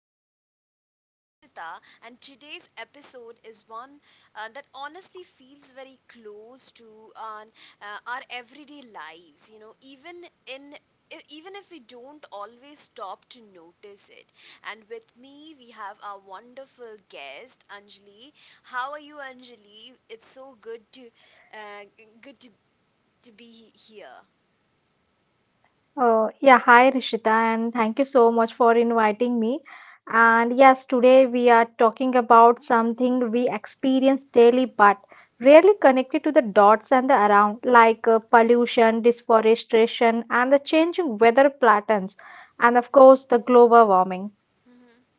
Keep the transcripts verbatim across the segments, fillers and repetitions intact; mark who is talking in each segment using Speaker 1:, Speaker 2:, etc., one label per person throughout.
Speaker 1: podcast. I'm Rishita, and today's episode is one uh, that honestly feels very close to uh, uh, our everyday lives. You know, even in e- even if we don't always stop to notice it. And with me, we have our wonderful guest, Anjali. How are you, Anjali? It's so good to uh, g- good to to be here.
Speaker 2: Uh, yeah, hi Rishita, and thank you so much for inviting me. And yes, today we are talking about something we experience daily but rarely connected to the dots and the around, like uh, pollution, deforestation, and the changing weather patterns, and of course, the global warming.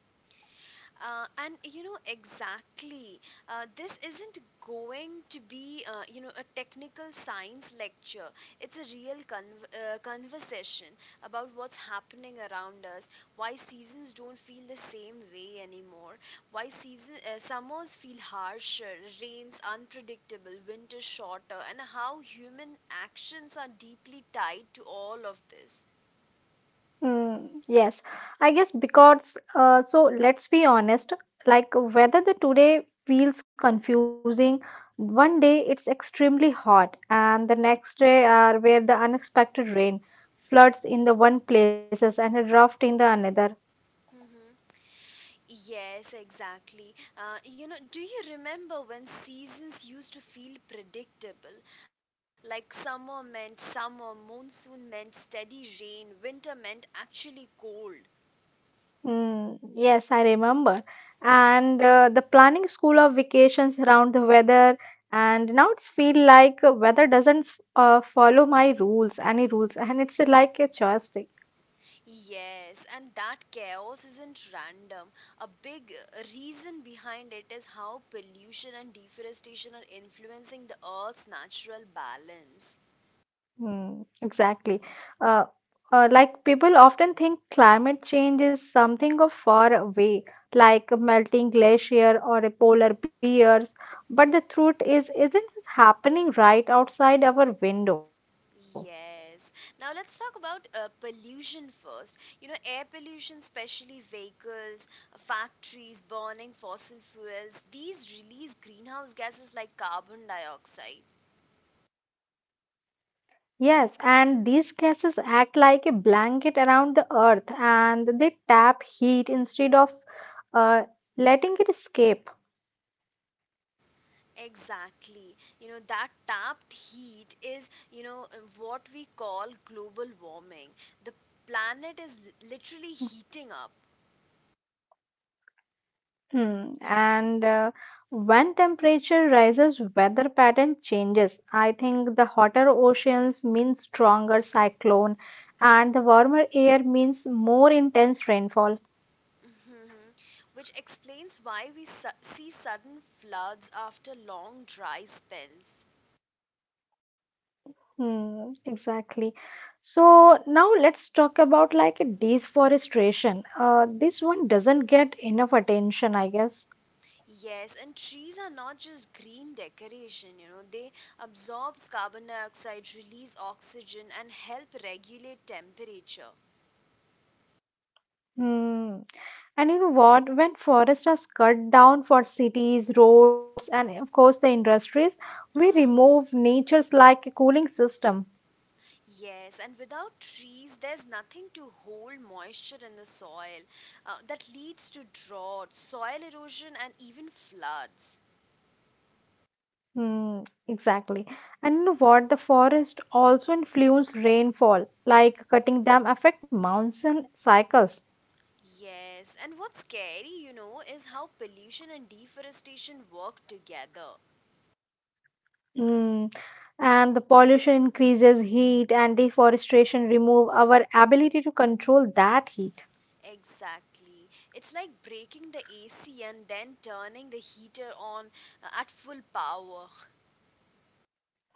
Speaker 1: Uh, and you know exactly, uh, this isn't going to be uh, you know a technical science lecture. It's a real con- uh, conversation about what's happening around us, why seasons don't feel the same way anymore, why season uh, summers feel harsher, rains unpredictable, winters shorter, and how human actions are deeply tied to all of this.
Speaker 2: Mm, yes, I guess because uh, so let's be honest, like whether the today feels confusing, one day it's extremely hot, and the next day are where the unexpected rain, floods in the one places and a drought in the another.
Speaker 1: Mm-hmm. Yes, exactly. Uh, you know, do you remember when seasons used to feel predictable? Like summer meant summer, monsoon meant steady rain, winter meant actually cold.
Speaker 2: Mm, yes, I remember. And uh, the planning school of vacations around the weather, and now it's feel like uh, weather doesn't uh, follow my rules, any rules, and it's like a choice.
Speaker 1: Yes, and that chaos isn't random. A big uh, reason behind it is how pollution and deforestation are influencing the Earth's natural balance.
Speaker 2: Mm, exactly. Uh, uh, like people often think climate change is something of far away, like a melting glacier or a polar bears, but the truth is, isn't this happening right outside our window?
Speaker 1: Yes. Now let's talk about uh, pollution first. You know, air pollution, especially vehicles, uh, factories burning fossil fuels, these release greenhouse gases like carbon dioxide.
Speaker 2: Yes, and these gases act like a blanket around the earth, and they tap heat instead of uh, letting it escape.
Speaker 1: Exactly. You know, that tapped heat is, you know, uh, what we call global warming. The planet is li- literally heating up.
Speaker 2: Hmm. And uh, when temperature rises, weather pattern changes. I think the hotter oceans mean stronger cyclone, and the warmer air means more intense rainfall.
Speaker 1: Mhm. Which explains why we su- see sudden floods after long dry spells.
Speaker 2: Hmm, exactly. So now let's talk about like deforestation. Uh, this one doesn't get enough attention, I guess.
Speaker 1: Yes, and trees are not just green decoration, you know. They absorb carbon dioxide, release oxygen, and help regulate temperature.
Speaker 2: Hmm. And you know what? When forests are cut down for cities, roads, and of course the industries, we
Speaker 1: Uh-huh.
Speaker 2: remove nature's like a cooling system.
Speaker 1: Yes, and without trees, there's nothing to hold moisture in the soil. Uh, that leads to drought, soil erosion, and even floods.
Speaker 2: Hmm, exactly. And you know what? The forest also influence rainfall, like cutting them affect monsoon cycles.
Speaker 1: Yes, and what's scary, you know, is how pollution and deforestation work together.
Speaker 2: Hmm. And the pollution increases heat, and deforestation remove our ability to control that heat.
Speaker 1: Exactly. It's like breaking the A C and then turning the heater on, uh, at full power.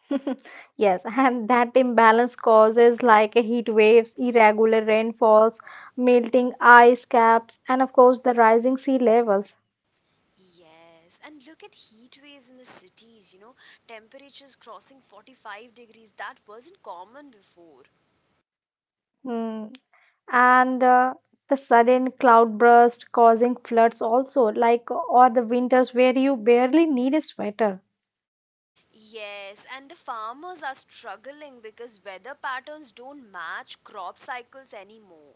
Speaker 2: Yes, and that imbalance causes like heat waves, irregular rainfalls, melting ice caps, and of course the rising sea levels.
Speaker 1: Yes, and look at heat waves in the cities, you know, temperatures crossing forty-five degrees. That wasn't common before.
Speaker 2: Mm. And uh, the sudden cloud burst causing floods also, like or the winters where you barely need a sweater.
Speaker 1: Yes, and the farmers are struggling because weather patterns don't match crop cycles anymore.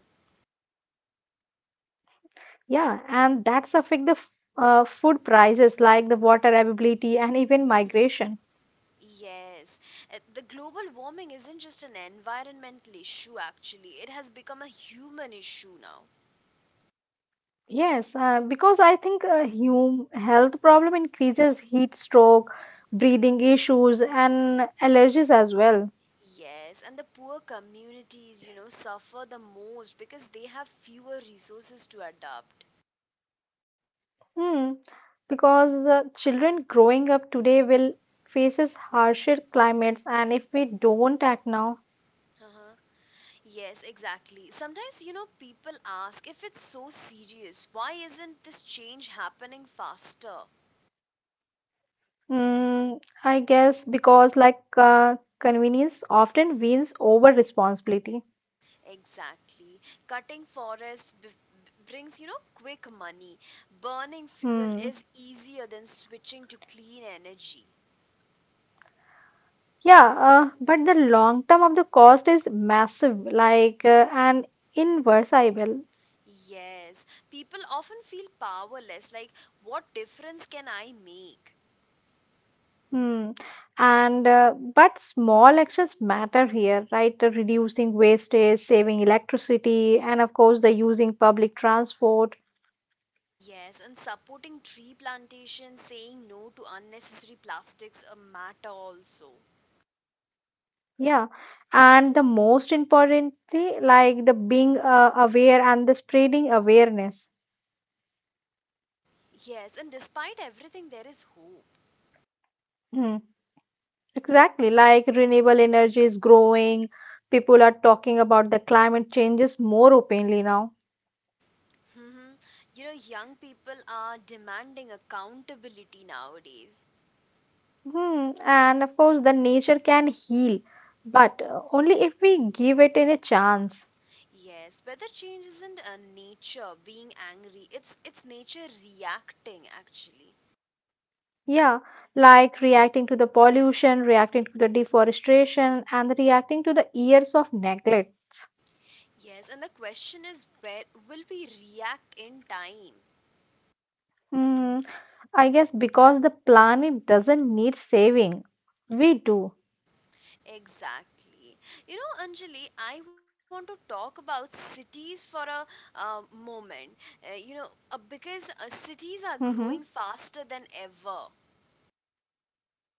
Speaker 2: Yeah, and that's affect the f- uh, food prices, like the water availability and even migration.
Speaker 1: Mhm. Yes. Uh, the global warming isn't just an environmental issue, actually. It has become a human issue now.
Speaker 2: Yes, uh, because I think uh, hum health problem increases heat stroke, breathing issues, and allergies as well.
Speaker 1: Yes, and the poor communities, you know, suffer the most because they have fewer resources to adopt.
Speaker 2: Hmm. Because uh, children growing up today will faces harsher climates, and if we don't act now,
Speaker 1: Uh-huh. Yes, exactly. Sometimes, you know, people ask, if it's so serious, why isn't this change happening faster?
Speaker 2: mm, I guess because like uh, convenience often wins over responsibility.
Speaker 1: Exactly. Cutting forests b- b- brings, you know, quick money. Burning fuel
Speaker 2: Hmm.
Speaker 1: is easier than switching to clean energy.
Speaker 2: Yeah, uh, but the long term of the cost is massive, like uh, and irreversible.
Speaker 1: Yes, people often feel powerless, like, what difference can I make?
Speaker 2: Hmm. And uh, but small actions matter here, right? Uh, Reducing wastage, saving electricity, and of course the using public transport.
Speaker 1: Yes, and supporting tree plantation, saying no to unnecessary plastics, a matter also.
Speaker 2: Yeah. And the most importantly, like the being uh, aware and the spreading awareness.
Speaker 1: Yes, and despite everything, there is hope.
Speaker 2: Hmm. Exactly. Like renewable energy is growing. People are talking about the climate changes more openly now.
Speaker 1: hmm You know, young people are demanding accountability nowadays.
Speaker 2: Hmm. And of course, the nature can heal, but uh, only if we give it in a chance.
Speaker 1: Yes, weather change isn't, uh, nature being angry; it's it's nature reacting actually.
Speaker 2: Yeah, like reacting to the pollution, reacting to the deforestation, and reacting to the years of neglect.
Speaker 1: Yes, and the question is, where will we react in time?
Speaker 2: Hmm, I guess because the planet doesn't need saving, we do.
Speaker 1: Exactly. You know, Anjali, I want to talk about cities for a uh, moment. Uh, you know, uh,
Speaker 2: Hmm.
Speaker 1: because uh, Cities are growing faster than ever.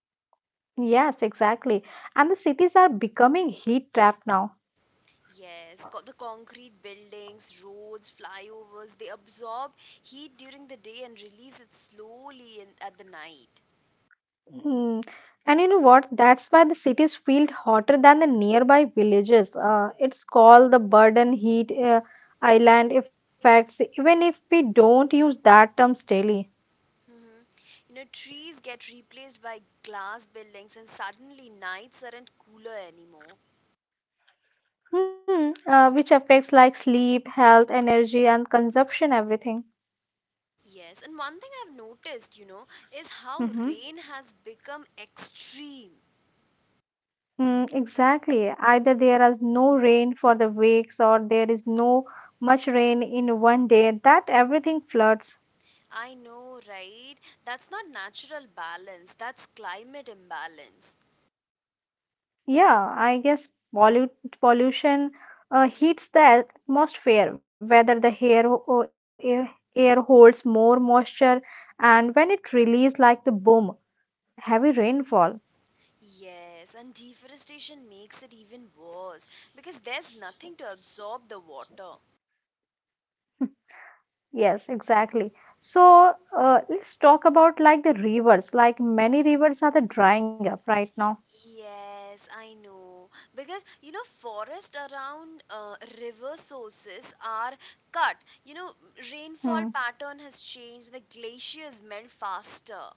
Speaker 2: Yes, exactly. And the cities are becoming heat trapped now.
Speaker 1: Yes, co- the concrete buildings, roads, flyovers, they absorb heat during the day and release it slowly in, at the night.
Speaker 2: Hmm. And you know what? That's why the cities feel hotter than the nearby villages. Uh, it's called the burden heat uh, island effects, even if we don't use that terms daily.
Speaker 1: hmm You know, trees get replaced by glass buildings, and suddenly nights aren't cooler anymore.
Speaker 2: Hmm. Uh, which affects like sleep, health, energy, and consumption, everything.
Speaker 1: Yes, and one thing I've noticed, you know, is how
Speaker 2: Mm-hmm.
Speaker 1: rain has become extreme.
Speaker 2: Mm, exactly. Either there is no rain for the weeks, or there is no much rain in one day. That everything floods.
Speaker 1: I know, right? That's not natural balance, that's climate imbalance.
Speaker 2: Yeah, I guess pollu pollution uh, heats the atmosphere, whether the air, o- air air holds more moisture, and when it releases like the boom, heavy rainfall.
Speaker 1: Yes, and deforestation makes it even worse because there's nothing to absorb the water.
Speaker 2: Yes, exactly. So uh, let's talk about like the rivers. Like many rivers are the drying up right now.
Speaker 1: Yes, I know. Because, you know, forest around, uh, river sources are cut. You know, Rainfall
Speaker 2: Hmm.
Speaker 1: pattern has changed, the glaciers melt faster.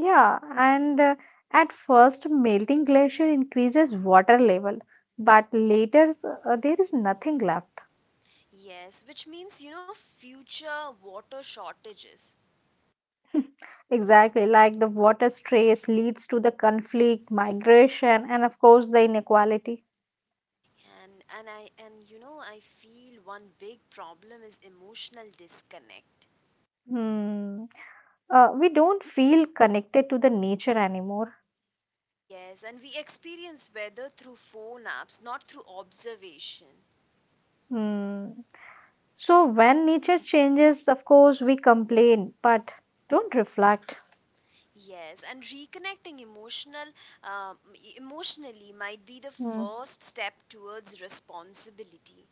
Speaker 2: Yeah, and uh, at first, melting glacier increases water level, but later uh, there is nothing left.
Speaker 1: Yes, which means you know future water shortages.
Speaker 2: Exactly, like the water stress leads to the conflict, migration, and of course the inequality.
Speaker 1: And and I and you know I feel one big problem is emotional disconnect.
Speaker 2: Hmm. Uh, we don't feel connected to the nature anymore.
Speaker 1: Yes, and we experience weather through phone apps, not through observation.
Speaker 2: Hmm. So when nature changes, of course, we complain, but don't reflect.
Speaker 1: Yes, and reconnecting emotional um, e- emotionally might be the
Speaker 2: Mm,
Speaker 1: first step towards responsibility.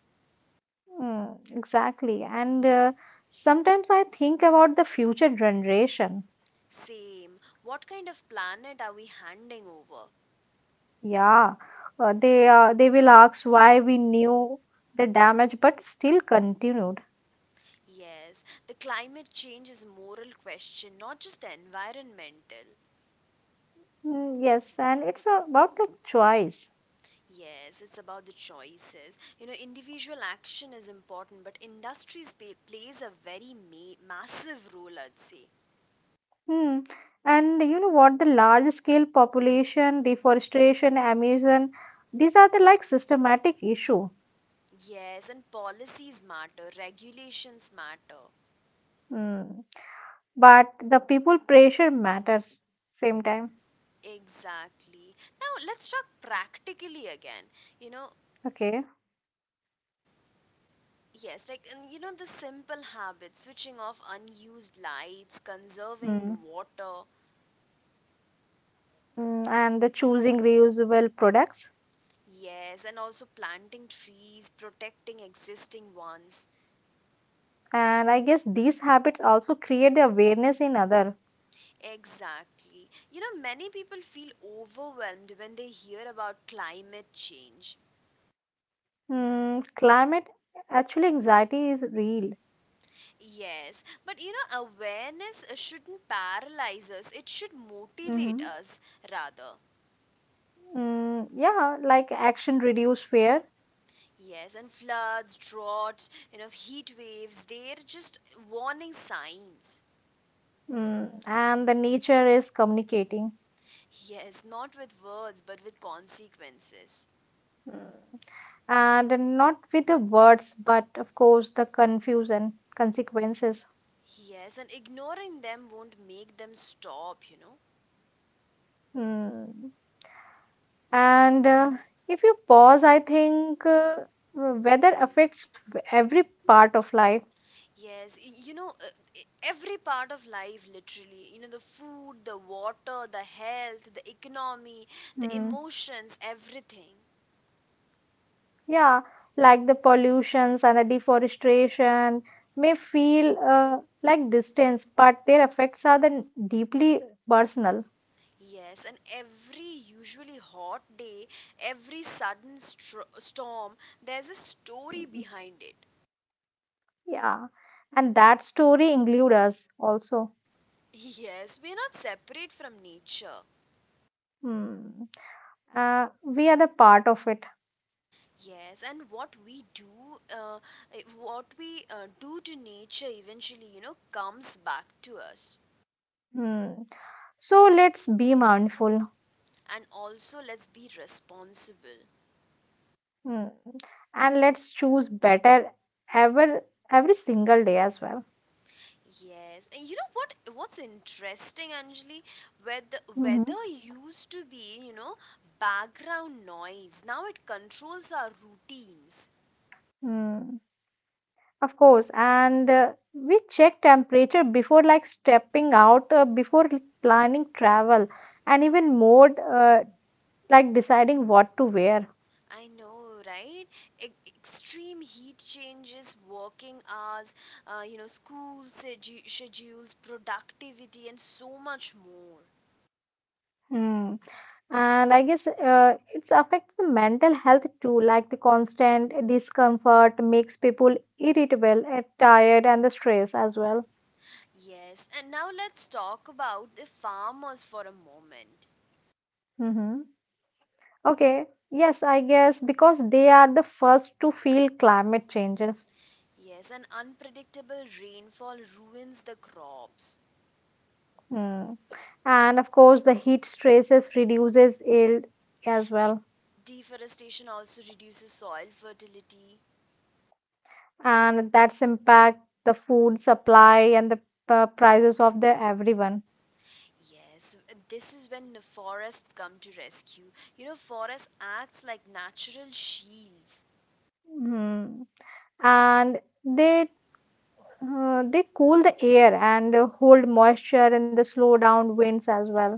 Speaker 2: mm, exactly. And uh, sometimes I think about the future generation.
Speaker 1: Same. What kind of planet are we handing over?
Speaker 2: Yeah, uh, they uh, they will ask why we knew the damage but still continued.
Speaker 1: Yes, the climate change is a moral question, not just environmental.
Speaker 2: Mm, yes, and it's about the choice.
Speaker 1: Yes, it's about the choices. You know, individual action is important, but industries pay, plays a very ma- massive role, I'd say.
Speaker 2: Hmm. And you know what? The large scale population, deforestation, emission, these are the like systematic issue.
Speaker 1: Yes, and policies matter, regulations matter.
Speaker 2: Hmm. But the people pressure matters same time.
Speaker 1: Exactly. Now let's talk practically again. You know,
Speaker 2: Okay.
Speaker 1: yes, like, and you know the simple habits, switching off unused lights, conserving
Speaker 2: Mm.
Speaker 1: water.
Speaker 2: Mm, and the choosing reusable products.
Speaker 1: Yes, and also planting trees, protecting existing ones.
Speaker 2: And I guess these habits also create the awareness in other.
Speaker 1: Exactly. You know, many people feel overwhelmed when they hear about climate change.
Speaker 2: Mm, climate actually anxiety is real.
Speaker 1: Yes, but you know, awareness, uh, shouldn't paralyze us, it should
Speaker 2: Hmm.
Speaker 1: motivate us rather.
Speaker 2: Mm, yeah, like action reduce fear.
Speaker 1: Yes, and floods, droughts, you know, heat waves, they're just warning signs.
Speaker 2: Mm, and the nature is communicating.
Speaker 1: Yes, not with words, but with consequences.
Speaker 2: Mm. And not with the words, but of course the confusion consequences.
Speaker 1: Yes, and ignoring them won't make them stop, you know.
Speaker 2: Mm. And uh, if you pause, I think uh, weather affects w- every part of life.
Speaker 1: Yes. Y- you know, uh, e- every part of life, literally, you know, the food, the water, the health, the economy, the
Speaker 2: Mm.
Speaker 1: emotions, everything.
Speaker 2: Yeah, like the pollutions and the deforestation may feel uh, like distance, but their effects are then deeply personal.
Speaker 1: Yes, and every usually hot day, every sudden stro storm, there's a story
Speaker 2: Mm.
Speaker 1: behind it.
Speaker 2: Yeah, and that story includes us also.
Speaker 1: Yes, we're not separate from nature.
Speaker 2: Mm. Uh, we are the part of it.
Speaker 1: Yes, and what we do, uh, eh, what we uh, do to nature eventually, you know, comes back to us.
Speaker 2: Mm. So let's be mindful.
Speaker 1: And also, let's be responsible.
Speaker 2: Hmm. And let's choose better ever every single day as well.
Speaker 1: Yes, and you know what? What's interesting, Anjali, weather
Speaker 2: Mm-hmm.
Speaker 1: weather used to be, you know, background noise. Now it controls our routines.
Speaker 2: Hmm. Of course, and uh, we check temperature before like stepping out, uh, before planning travel, and even more uh, like deciding what to wear.
Speaker 1: I know, right? E- extreme heat changes working hours, uh, you know, school sedu- schedules, productivity, and so much more.
Speaker 2: Hmm. And I guess uh, it's affects the mental health too, like the constant discomfort makes people irritable, uh, tired, and the stress as well.
Speaker 1: Yes, and now let's talk about the farmers for a moment.
Speaker 2: Mm-hmm. Okay, yes, I guess because they are the first to feel climate changes.
Speaker 1: Yes, an unpredictable rainfall ruins the crops.
Speaker 2: Hmm. And of course, the heat stresses reduces yield as well,
Speaker 1: Deforestation also reduces soil fertility.
Speaker 2: and that's impact the food supply and the uh, prices of the everyone.
Speaker 1: Yes, this is when the forests come to rescue. You know, forest acts like natural shields.
Speaker 2: Hmm. And they uh, they cool the air and uh, hold moisture and the slow down winds as well.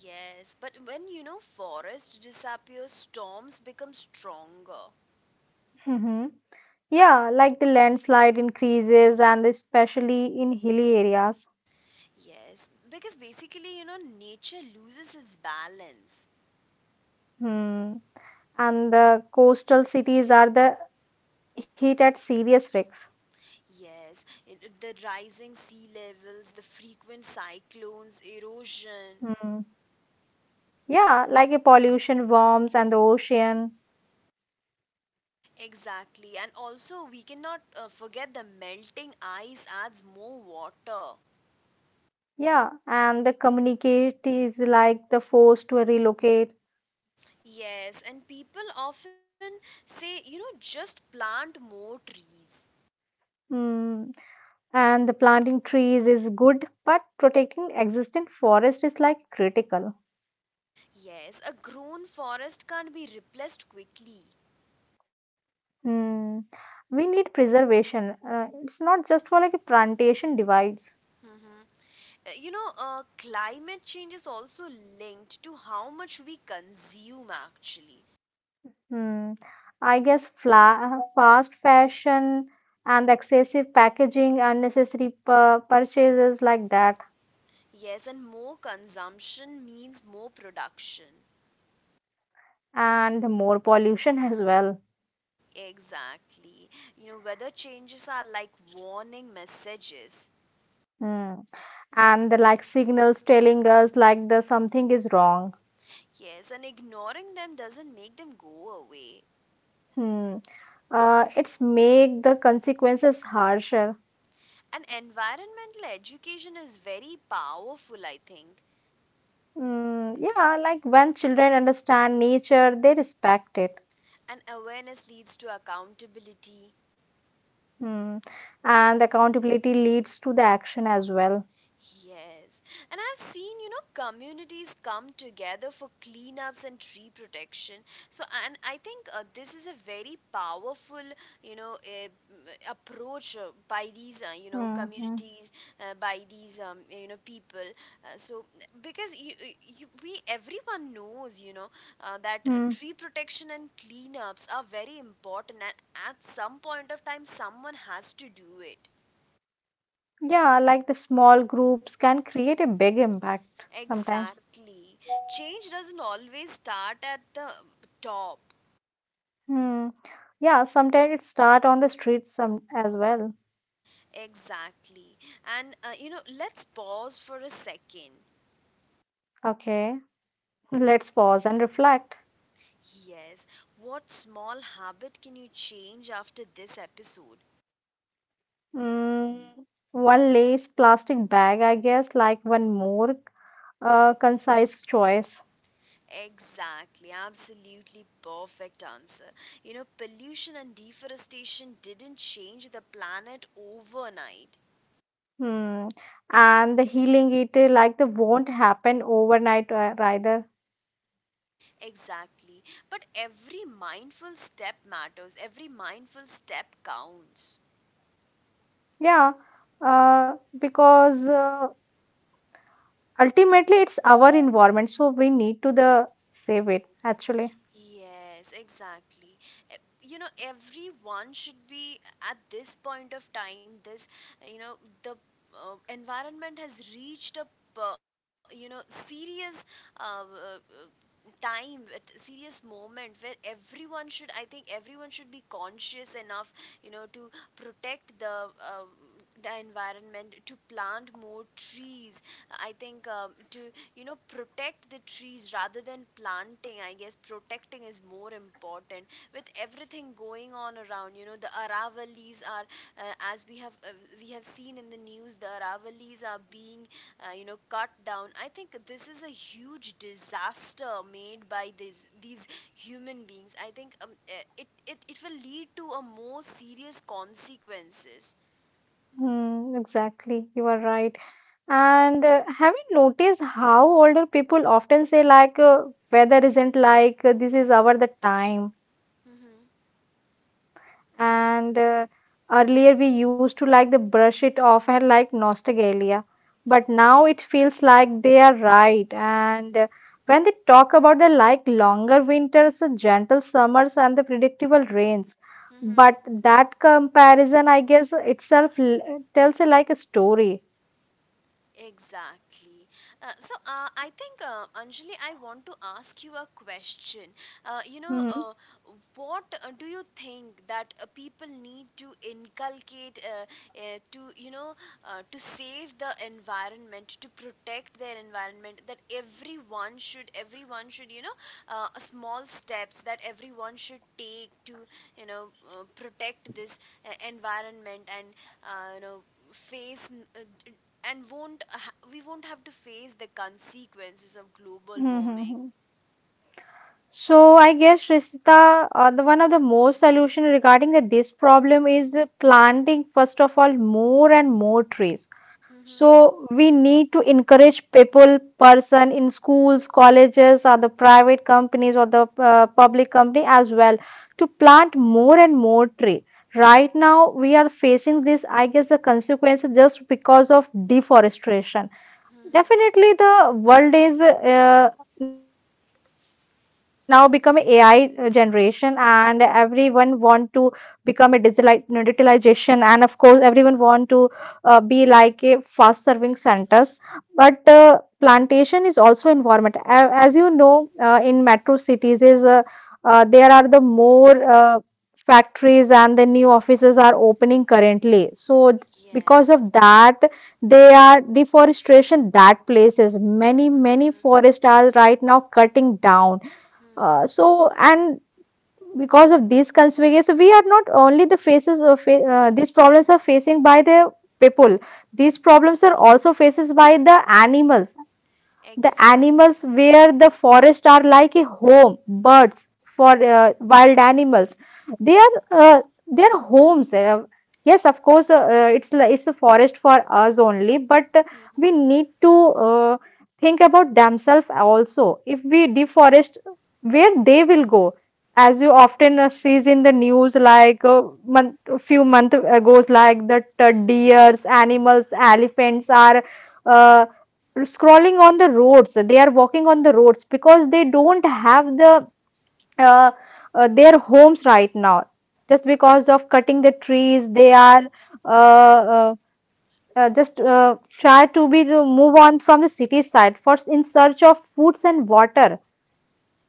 Speaker 1: Yes, but when you know forest disappears, storms become stronger.
Speaker 2: Hmm. Yeah, like the landslide increases and especially in hilly areas.
Speaker 1: Yes, because basically, you know, nature loses its balance.
Speaker 2: Hmm. And the coastal cities are the hit at serious risks.
Speaker 1: Yes, it- it- the rising sea levels, the frequent cyclones, erosion.
Speaker 2: Hmm. Yeah, like a pollution, worms, and the ocean.
Speaker 1: Exactly, and also we cannot, uh, forget the melting ice adds more water.
Speaker 2: Yeah, and the communicate is like the force to relocate.
Speaker 1: Yes, and people often say, you know, just plant more trees.
Speaker 2: Mm. And the planting trees is good, but protecting existing forest is like critical.
Speaker 1: Yes, a grown forest can't be replaced quickly.
Speaker 2: Mm. We need preservation. Uh, it's not just for like a plantation divides.
Speaker 1: Mhm. Uh, You know, uh, climate change is also linked to how much we consume, actually.
Speaker 2: Hmm. I guess fla fast fashion and excessive packaging, unnecessary pur purchases like that,
Speaker 1: Yes, and more consumption means more production.
Speaker 2: and more pollution as well.
Speaker 1: Exactly. You know, weather changes are like warning messages.
Speaker 2: Hmm. And the like signals telling us like the something is wrong.
Speaker 1: Yes, and ignoring them doesn't make them go away.
Speaker 2: Hmm. Uh, it's make the consequences harsher.
Speaker 1: And environmental education is very powerful, I think.
Speaker 2: Hmm. Yeah, like when children understand nature, they respect it.
Speaker 1: And awareness leads to accountability.
Speaker 2: Hmm. And accountability leads to the action as well.
Speaker 1: Yes, and I've seen, you know, communities come together for cleanups and tree protection. So, and I think, uh, this is a very powerful, you know, uh, approach, uh, by these, uh, you know,
Speaker 2: Hmm. Hmm.
Speaker 1: communities, uh, by these, um, you know, people. Uh, so, because you, uh, you, we, everyone knows, you know, uh, that
Speaker 2: Hmm.
Speaker 1: tree protection and cleanups are very important, and at some point of time, someone has to do it.
Speaker 2: Yeah, like the small groups can create a big impact sometimes.
Speaker 1: Exactly. Change doesn't always start at the top.
Speaker 2: Hmm. Yeah, sometimes it start on the streets some as well.
Speaker 1: Exactly. And uh, you know, let's pause for a second.
Speaker 2: Okay, let's pause and reflect.
Speaker 1: Yes. What small habit can you change after this episode?
Speaker 2: Mm, one lace plastic bag, I guess, like one more uh, concise choice.
Speaker 1: Exactly. Absolutely perfect answer. You know, pollution and deforestation didn't change the planet overnight.
Speaker 2: Hmm. And the healing it uh, like the won't happen overnight uh, either.
Speaker 1: Exactly. But every mindful step matters. Every mindful step counts.
Speaker 2: Yeah, uh, because uh, ultimately, it's our environment, so we need to the save it actually.
Speaker 1: Yes, exactly. E- You know, everyone should be, at this point of time, this, you know, the, uh, environment has reached a, uh, you know, serious, uh, uh, uh, time, a serious moment where everyone should, I think everyone should be conscious enough, you know, to protect the. Uh, the environment, to plant more trees. I think, um, to you know protect the trees rather than planting. I guess protecting is more important with everything going on around. You know the Aravalis are, uh, as we have, uh, we have seen in the news, the Aravalis are being, uh, you know cut down. I think this is a huge disaster made by this these human beings. I think, um, eh, it, it it will lead to a more serious consequences.
Speaker 2: Hmm, exactly, you are right. And uh, have you noticed how older people often say like uh, weather isn't like uh, this is our the time.
Speaker 1: Mm-hmm.
Speaker 2: And uh, earlier we used to like the brush it off and like nostalgia, but now it feels like they are right. And uh, when they talk about the like longer winters, the gentle summers, and the predictable rains,
Speaker 1: Mm-hmm.
Speaker 2: but that comparison, I guess, itself l- tells a, like a story.
Speaker 1: Exactly. Uh, so, uh, I think, uh, Anjali, I want to ask you a question. Uh, you know,
Speaker 2: Hmm.
Speaker 1: uh, what uh, do you think that, uh, people need to inculcate, uh, uh, to, you know, uh, to save the environment, to protect their environment? That everyone should, everyone should, you know, uh, small steps that everyone should take to, you know, uh, protect this, uh, environment, and, uh, you know, face n- uh, d- and won't ha- we won't have to face the consequences of global
Speaker 2: Hmm. Hmm,
Speaker 1: warming.
Speaker 2: hmm. So I guess Rishita, uh, the one of the most solution regarding the, this problem is uh, planting first of all more and more trees.
Speaker 1: Mhm.
Speaker 2: So we need to encourage people, person in schools, colleges, or the private companies or the uh, public company as well to plant more
Speaker 1: Yes.
Speaker 2: and more tree. Right now we are facing this, I guess, the consequences just because of deforestation.
Speaker 1: Mhm.
Speaker 2: Definitely, the world is uh, now become a AI generation, and everyone want to become a digitali- no, digitalization, and of course, everyone want to uh, be like a fast serving centers. But uh, plantation is also environment. A- As you know, uh, in metro cities, is uh, uh, there are the more uh, factories and the new offices are opening currently. So because of
Speaker 1: Yes.
Speaker 2: that they are deforestation that places many, many
Speaker 1: Mhm.
Speaker 2: forests are right now cutting down.
Speaker 1: Mhm.
Speaker 2: Uh, so, and because of these consequences, we are not only the faces of fa- uh, these problems are facing by the people. These problems are also faces by the animals the
Speaker 1: Exactly.
Speaker 2: animals where the forest are like a home. Birds for uh, wild animals, they are uh, their homes. Uh, yes, of course, uh, uh, it's li- it's a forest for us only, but uh,
Speaker 1: Mhm.
Speaker 2: we need to uh, think about themselves also. If we deforest, where they will go? As you often uh, sees in the news, like uh, month, few months ago, like that uh,
Speaker 1: Mhm.
Speaker 2: deers, animals, elephants are. Uh, Scrolling on the roads, they are walking on the roads because they don't have the uh, uh, their homes right now just
Speaker 1: Mhm.
Speaker 2: because of cutting the trees. They are uh, uh, uh, just uh, try to be to move on from the city side first in search of foods and water.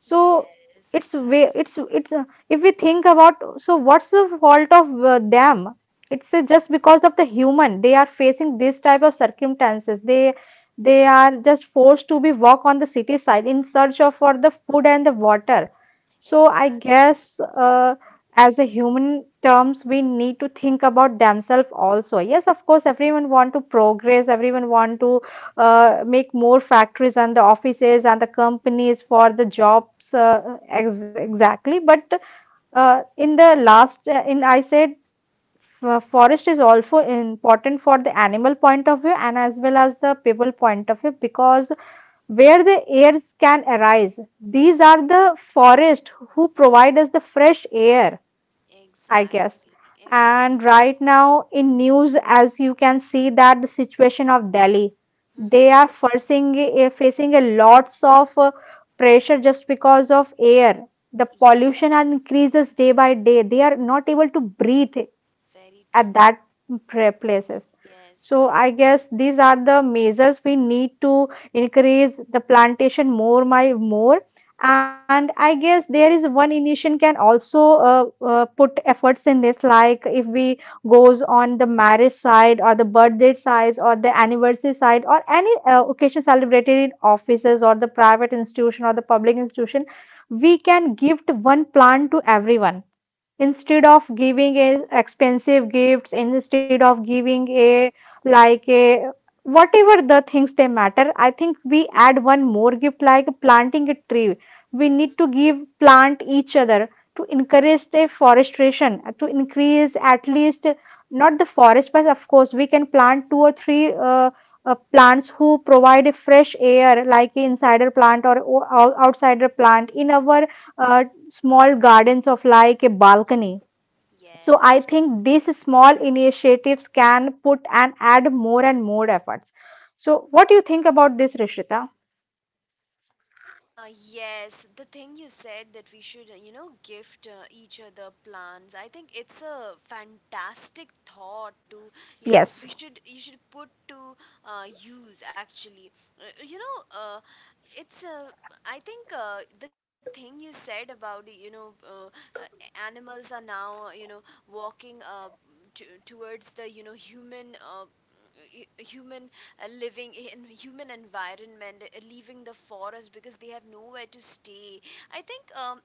Speaker 2: So it's way
Speaker 1: exactly.
Speaker 2: it's it's uh, if we think about, so what's the fault of uh, them? It's uh, just because of the human. They are facing this type
Speaker 1: Yes.
Speaker 2: of
Speaker 1: Yes.
Speaker 2: circumstances. They they are just forced to be walk on the city side in search of for the food and the water. So I
Speaker 1: Exactly.
Speaker 2: guess uh, as a human terms, we need to think about themselves also. Yes, of course, everyone want to progress. Everyone want to uh, make more factories and the offices and the companies for the jobs, uh, ex exactly. But uh, in the last, uh, in I said f- forest is also important for the animal point of view and as well as the people point of view, because where the airs can arise, these
Speaker 1: Mhm.
Speaker 2: are the forest who provide us the fresh air, I guess.
Speaker 1: Exactly.
Speaker 2: And
Speaker 1: Exactly.
Speaker 2: right now in news, as you can see that the situation of Delhi, they are
Speaker 1: Mhm.
Speaker 2: facing a- facing a lots of uh, pressure just because of air. The pollution
Speaker 1: Yes.
Speaker 2: and increases day by day. They are not able to breathe
Speaker 1: Very
Speaker 2: at
Speaker 1: true.
Speaker 2: that pra- places.
Speaker 1: Yes,
Speaker 2: So I
Speaker 1: yes.
Speaker 2: guess these are the measures we need to increase the plantation more, my more. And I guess there is one initiation can also uh, uh, put efforts in this, like if we goes on the marriage side or the birthday side or the anniversary side or any uh, occasion celebrated in offices or the private institution or the public institution, we can gift one plant to everyone instead of giving a expensive gifts, instead of giving a like a whatever the things they matter. I think we add one more gift like planting a tree. We
Speaker 1: Mhm.
Speaker 2: need to give plant each other to encourage the forestation to increase, at least not the forest, but of course we can plant two or three uh, uh, plants who provide a fresh air, like a insider plant or, or outsider plant in our uh, small gardens of like a balcony. So
Speaker 1: Yes.
Speaker 2: I think these small initiatives can put and add more and more efforts. So what do you think about this, Rishita?
Speaker 1: Uh, yes, the thing you said that we should, uh, you know, gift, uh, each other plants. I think it's a fantastic thought to, you know, we
Speaker 2: Yes.
Speaker 1: should you should put to, uh, use actually. Uh, you know, uh, it's uh, I think uh, the thing you said about you know uh, uh, animals are now uh, you know walking uh, t- towards the you know human uh, hu- human uh, living in human environment, uh, leaving the forest because they have nowhere to stay. I think um,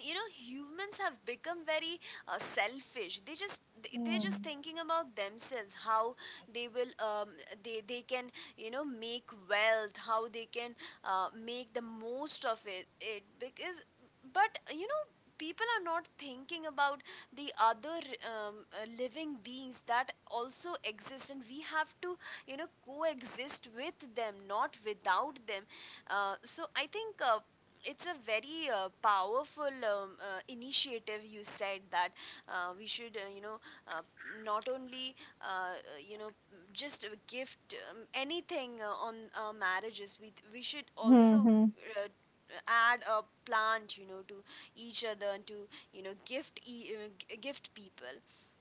Speaker 1: you know humans have become very uh, selfish, they just they- they're just
Speaker 2: Hmm.
Speaker 1: thinking about themselves, how they will um, they they can you know make wealth, how they can uh, make the most of it it because, but you know, people are not thinking about the other um, uh, living beings that also exist, and we have to you know coexist with them, not without them. Uh, so I think uh, it's a very uh, powerful um, uh, initiative you said, that uh, we should uh, you know uh, not only uh, uh, you know just gift um, anything uh, on uh, marriages, we we should also
Speaker 2: Mm-hmm.
Speaker 1: uh, add a plant, you know, to each other and to you know gift e- uh, g- gift people.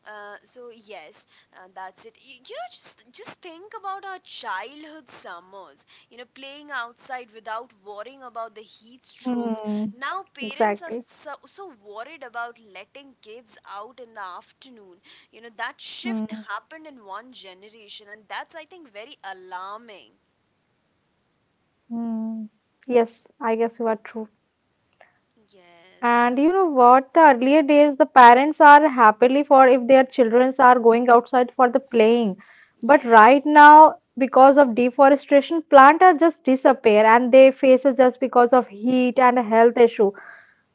Speaker 1: uh, So yes, uh, that's it. You, you know just just think about our childhood summers, you know, playing outside without worrying about the heat strokes.
Speaker 2: Mm.
Speaker 1: Now parents are
Speaker 2: Exactly.
Speaker 1: so, so worried about letting kids out in the afternoon. You know, that shift
Speaker 2: Mm.
Speaker 1: happened in one generation, and that's I think very alarming.
Speaker 2: Mm. Yes, I guess you are true. And
Speaker 1: Yes.
Speaker 2: you know what? The earlier days, the parents are happily for if their children are going outside for the
Speaker 1: Mhm.
Speaker 2: playing. But right
Speaker 1: Yes.
Speaker 2: now, because of deforestation, plants are just disappear and they faces just because of heat and health issue.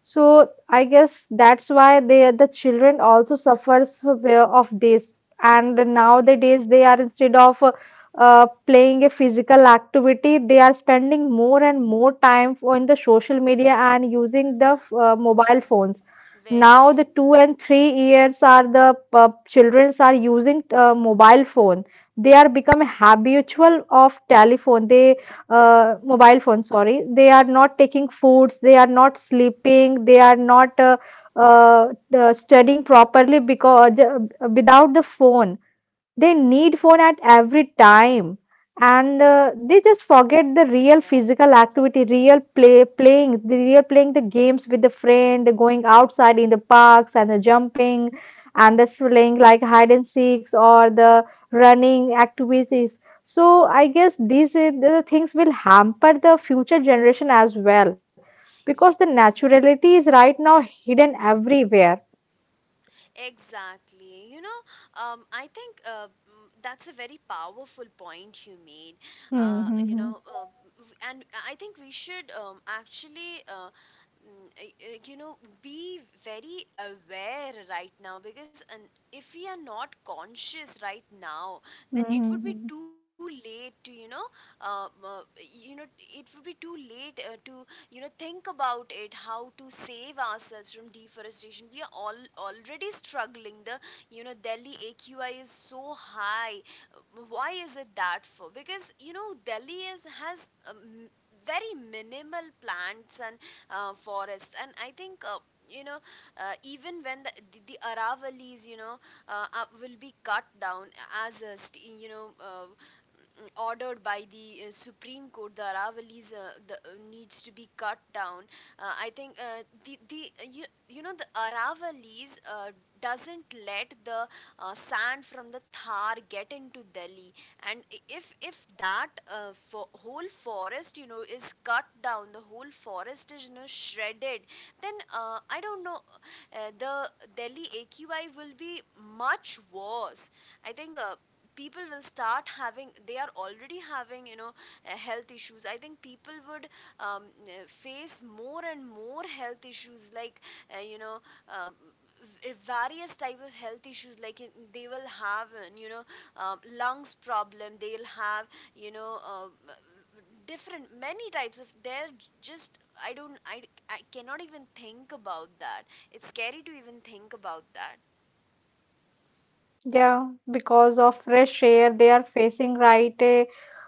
Speaker 2: So I guess that's why they the children also suffers of of this. And nowadays they are
Speaker 1: Yes.
Speaker 2: instead of uh, uh, playing a physical activity, they are spending more and more time on the social media and using the
Speaker 1: Mhm.
Speaker 2: uh, mobile phones.
Speaker 1: Very
Speaker 2: Now the
Speaker 1: true.
Speaker 2: two and three years are the uh, childrens are using uh, mobile phone. They are become habitual of telephone. They, uh, mobile phones, sorry, they are not taking foods, they are not sleeping, they are not uh, uh, uh, studying properly because uh, without the phone they need phone at every time, and uh, they just forget the real physical activity, real play playing the real playing the games with the friend, going outside in the parks and the jumping and the playing like hide and seeks or the running activities. So I guess these uh, the things will hamper the future generation as well because the
Speaker 1: Yes.
Speaker 2: naturality is right now hidden everywhere.
Speaker 1: Exactly. You know, um, I think uh, mm, that's a very powerful point you made. Uh, you
Speaker 2: Mm-hmm.
Speaker 1: know, uh, w- and I think we should um, actually, Uh, mm, uh, uh, you know, be very aware right now, because an, if we are not conscious right now, then it would be too late to you know uh, uh, you know it would be too late uh, to you know think about it, how to save ourselves from deforestation. We are all already struggling. The you know Delhi AQI is so high. Why is it that? For Because you know Delhi is, has um, very minimal plants and uh, forests. And I think uh, you know uh, even when the, the, the Aravalis, you know, uh, uh, will be cut down, as a st- you know uh, ordered by the uh, Supreme Court, the Aravalli's, uh, the, uh, needs to be cut down. Uh, I think uh, the the uh, you, you know the Aravalli's uh, doesn't let the uh, sand from the Thar get into Delhi, and if if that uh, fo- whole forest, you know, is cut down, the whole forest is you know shredded, then uh, I don't know, uh, the Delhi A Q I will be much worse. I think uh, people will start having, they are already having, you know, uh, health issues. I think people would um, uh, face more and more health issues, like uh, you know, um, v- various type of health issues, like in- they will have uh, you know um lungs problem, they'll have you know um, uh, different many types of they're just, I don't, I, I cannot even think about that. It's scary to even think about that.
Speaker 2: Yeah, because of fresh air, they are facing right uh,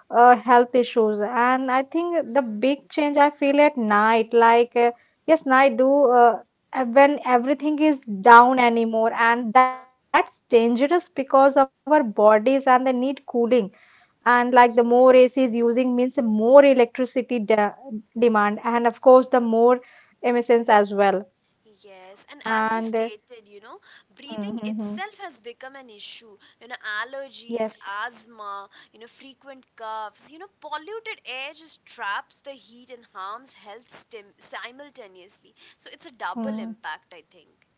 Speaker 2: uh, health issues. And I think the
Speaker 1: Mm-hmm.
Speaker 2: big change I feel at night, like uh, yes, night do uh, uh, when everything is down anymore, and
Speaker 1: Uh-huh.
Speaker 2: that's dangerous because our bodies and they need cooling. And like the more A C is using
Speaker 1: Yes.
Speaker 2: means more electricity de demand, and of course the more emissions as well.
Speaker 1: Yes, and as I
Speaker 2: And uh,
Speaker 1: stated, you know,
Speaker 2: mm,
Speaker 1: breathing
Speaker 2: mm, mm.
Speaker 1: itself has become an issue. You know, allergies,
Speaker 2: Yes.
Speaker 1: asthma, you know, frequent coughs, you know, polluted air just traps the heat and harms health stim- simultaneously. So it's a double impact, I think.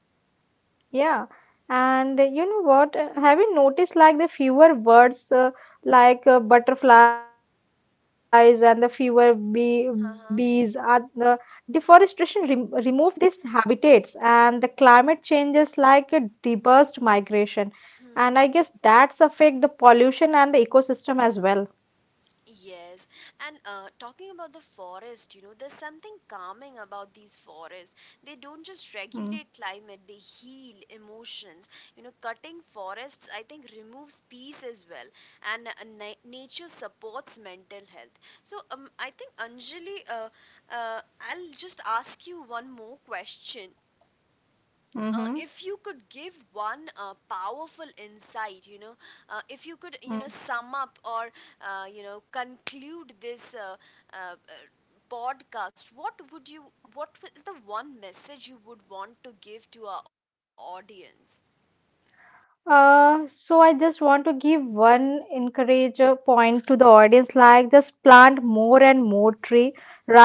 Speaker 2: Yeah, and uh, you know what? uh, Have you noticed like the fewer birds, uh, like uh, butterflies and the fewer bee bees, are the
Speaker 1: Uh
Speaker 2: deforestation rem remove these habitats and the climate changes like a reversed migration, and I guess that's
Speaker 1: huh.
Speaker 2: affect the pollution and the ecosystem as well.
Speaker 1: Yes, and uh, talking about the forest, you know, there's something calming about these forests. They don't just
Speaker 2: Hmm.
Speaker 1: regulate climate, they heal emotions. You know, cutting forests, I think, removes peace as well, and uh, na- nature supports mental health. So, um, I think, Anjali, uh, uh, I'll just ask you one more question. Uh,
Speaker 2: Mm-hmm.
Speaker 1: if you could give one uh, powerful insight, you know, uh, if you could, you know,
Speaker 2: Mm-hmm.
Speaker 1: sum up, or uh, you know, conclude this uh, uh, uh, podcast, what would you, what is the one message you would want to give to our audience?
Speaker 2: Uh, so I just want to give one encourage uh, point to the audience, like just plant more and more tree.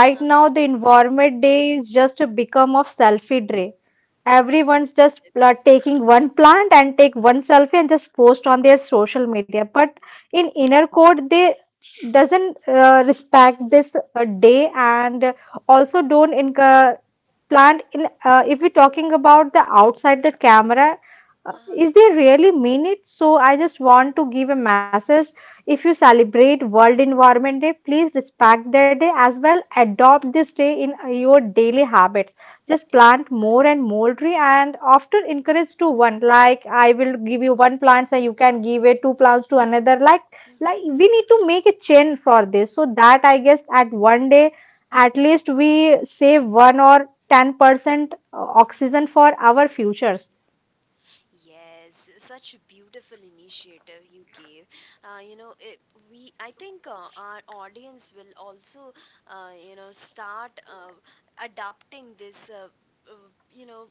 Speaker 1: Huh?
Speaker 2: now, the environment day is just a become of selfie day. Everyone's just pla
Speaker 1: Yes.
Speaker 2: taking one plant and take one selfie and just post on their social media. But in inner code, they doesn't uh, respect this uh, day and also don't encourage plant in uh, if we're talking about the outside the camera, uh,
Speaker 1: Uh-huh.
Speaker 2: is they really mean it. So I just want to give a message, if you celebrate world environment day, please respect that day as well, adopt this day in uh, your daily habits. Just plant
Speaker 1: Exactly.
Speaker 2: more and more tree and often encourage to one, like I will give you one plant and you can give it two plants to another, like like
Speaker 1: Hmm.
Speaker 2: we need to make a chain for this so that I guess at one day at least we save one or ten percent oxygen for our futures.
Speaker 1: Yes, such a beautiful initiative you gave. Uh, you know, it, we I think uh, our audience will also, uh, you know, start uh, adopting this. Uh, uh, you know,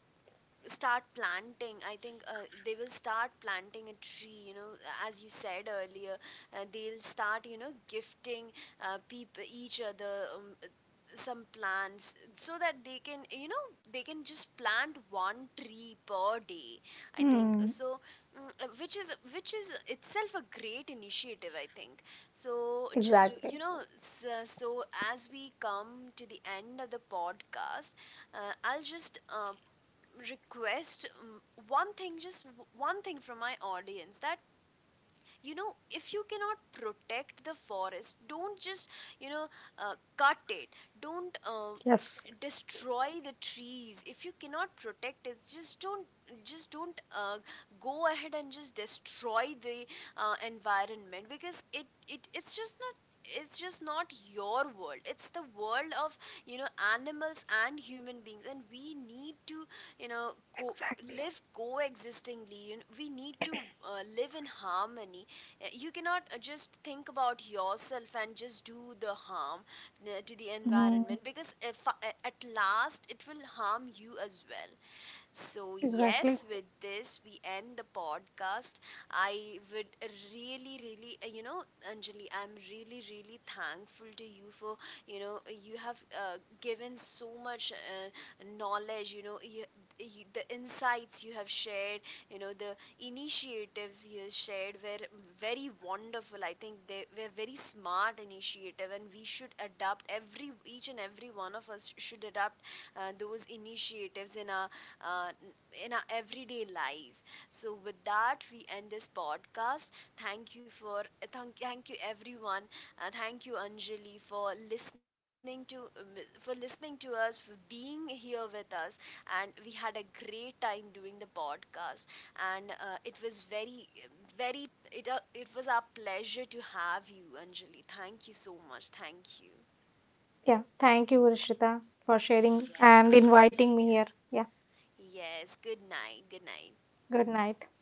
Speaker 1: start planting. I think uh, they will start planting a tree, you know, as you said earlier, uh, they'll start you know gifting uh, people each other um, uh, some plants, so that they can you know they can just plant one tree per day, I think
Speaker 2: Mm,
Speaker 1: so. Mm. uh, which is which is itself a great initiative, I think. So just you
Speaker 2: exactly.
Speaker 1: know so, so as we come to the end of the podcast, uh, I'll just uh, request, mm, one thing, just one thing from my audience, that you know, if you cannot protect the forest, don't just you know uh, cut it, don't um,
Speaker 2: Yes,
Speaker 1: destroy the trees. If you cannot protect it, just don't, just don't uh, go ahead and just destroy the uh, environment. Because it, it it's just not, it's just not your world, it's the world of, you know, animals and human beings, and we need to you know co-
Speaker 2: exactly.
Speaker 1: live coexistingly. You know, we need to uh, live in harmony. uh, You cannot uh, just think about yourself and just do the harm uh, to the environment,
Speaker 2: Mm,
Speaker 1: because if, uh, at last it will harm you as well. So, yes,
Speaker 2: exactly.
Speaker 1: with this, we end the podcast. I would really, really, uh, you know, Anjali, I'm really, really thankful to you for, you know, you have uh, given so much uh, knowledge, you know, you, you, the insights you have shared, you know, the initiatives you have shared were very wonderful. I think they were very smart initiative, and we should adapt, every, each and every one of us should adapt uh, those initiatives in our uh, in our everyday life. So, with that, we end this podcast. Thank you for, thank, thank you everyone. Uh, thank you Anjali for listening to um, for listening to us, for being here with us. And we had a great time doing the podcast. And uh, it was very very, it uh, it was our pleasure to have you, Anjali. Thank you so much. Thank you.
Speaker 2: Yeah. Thank you, Rishita, for sharing
Speaker 1: Yes.
Speaker 2: and inviting
Speaker 1: Yeah.
Speaker 2: me here. Yeah.
Speaker 1: Yes. Good night. Good night.
Speaker 2: Good night.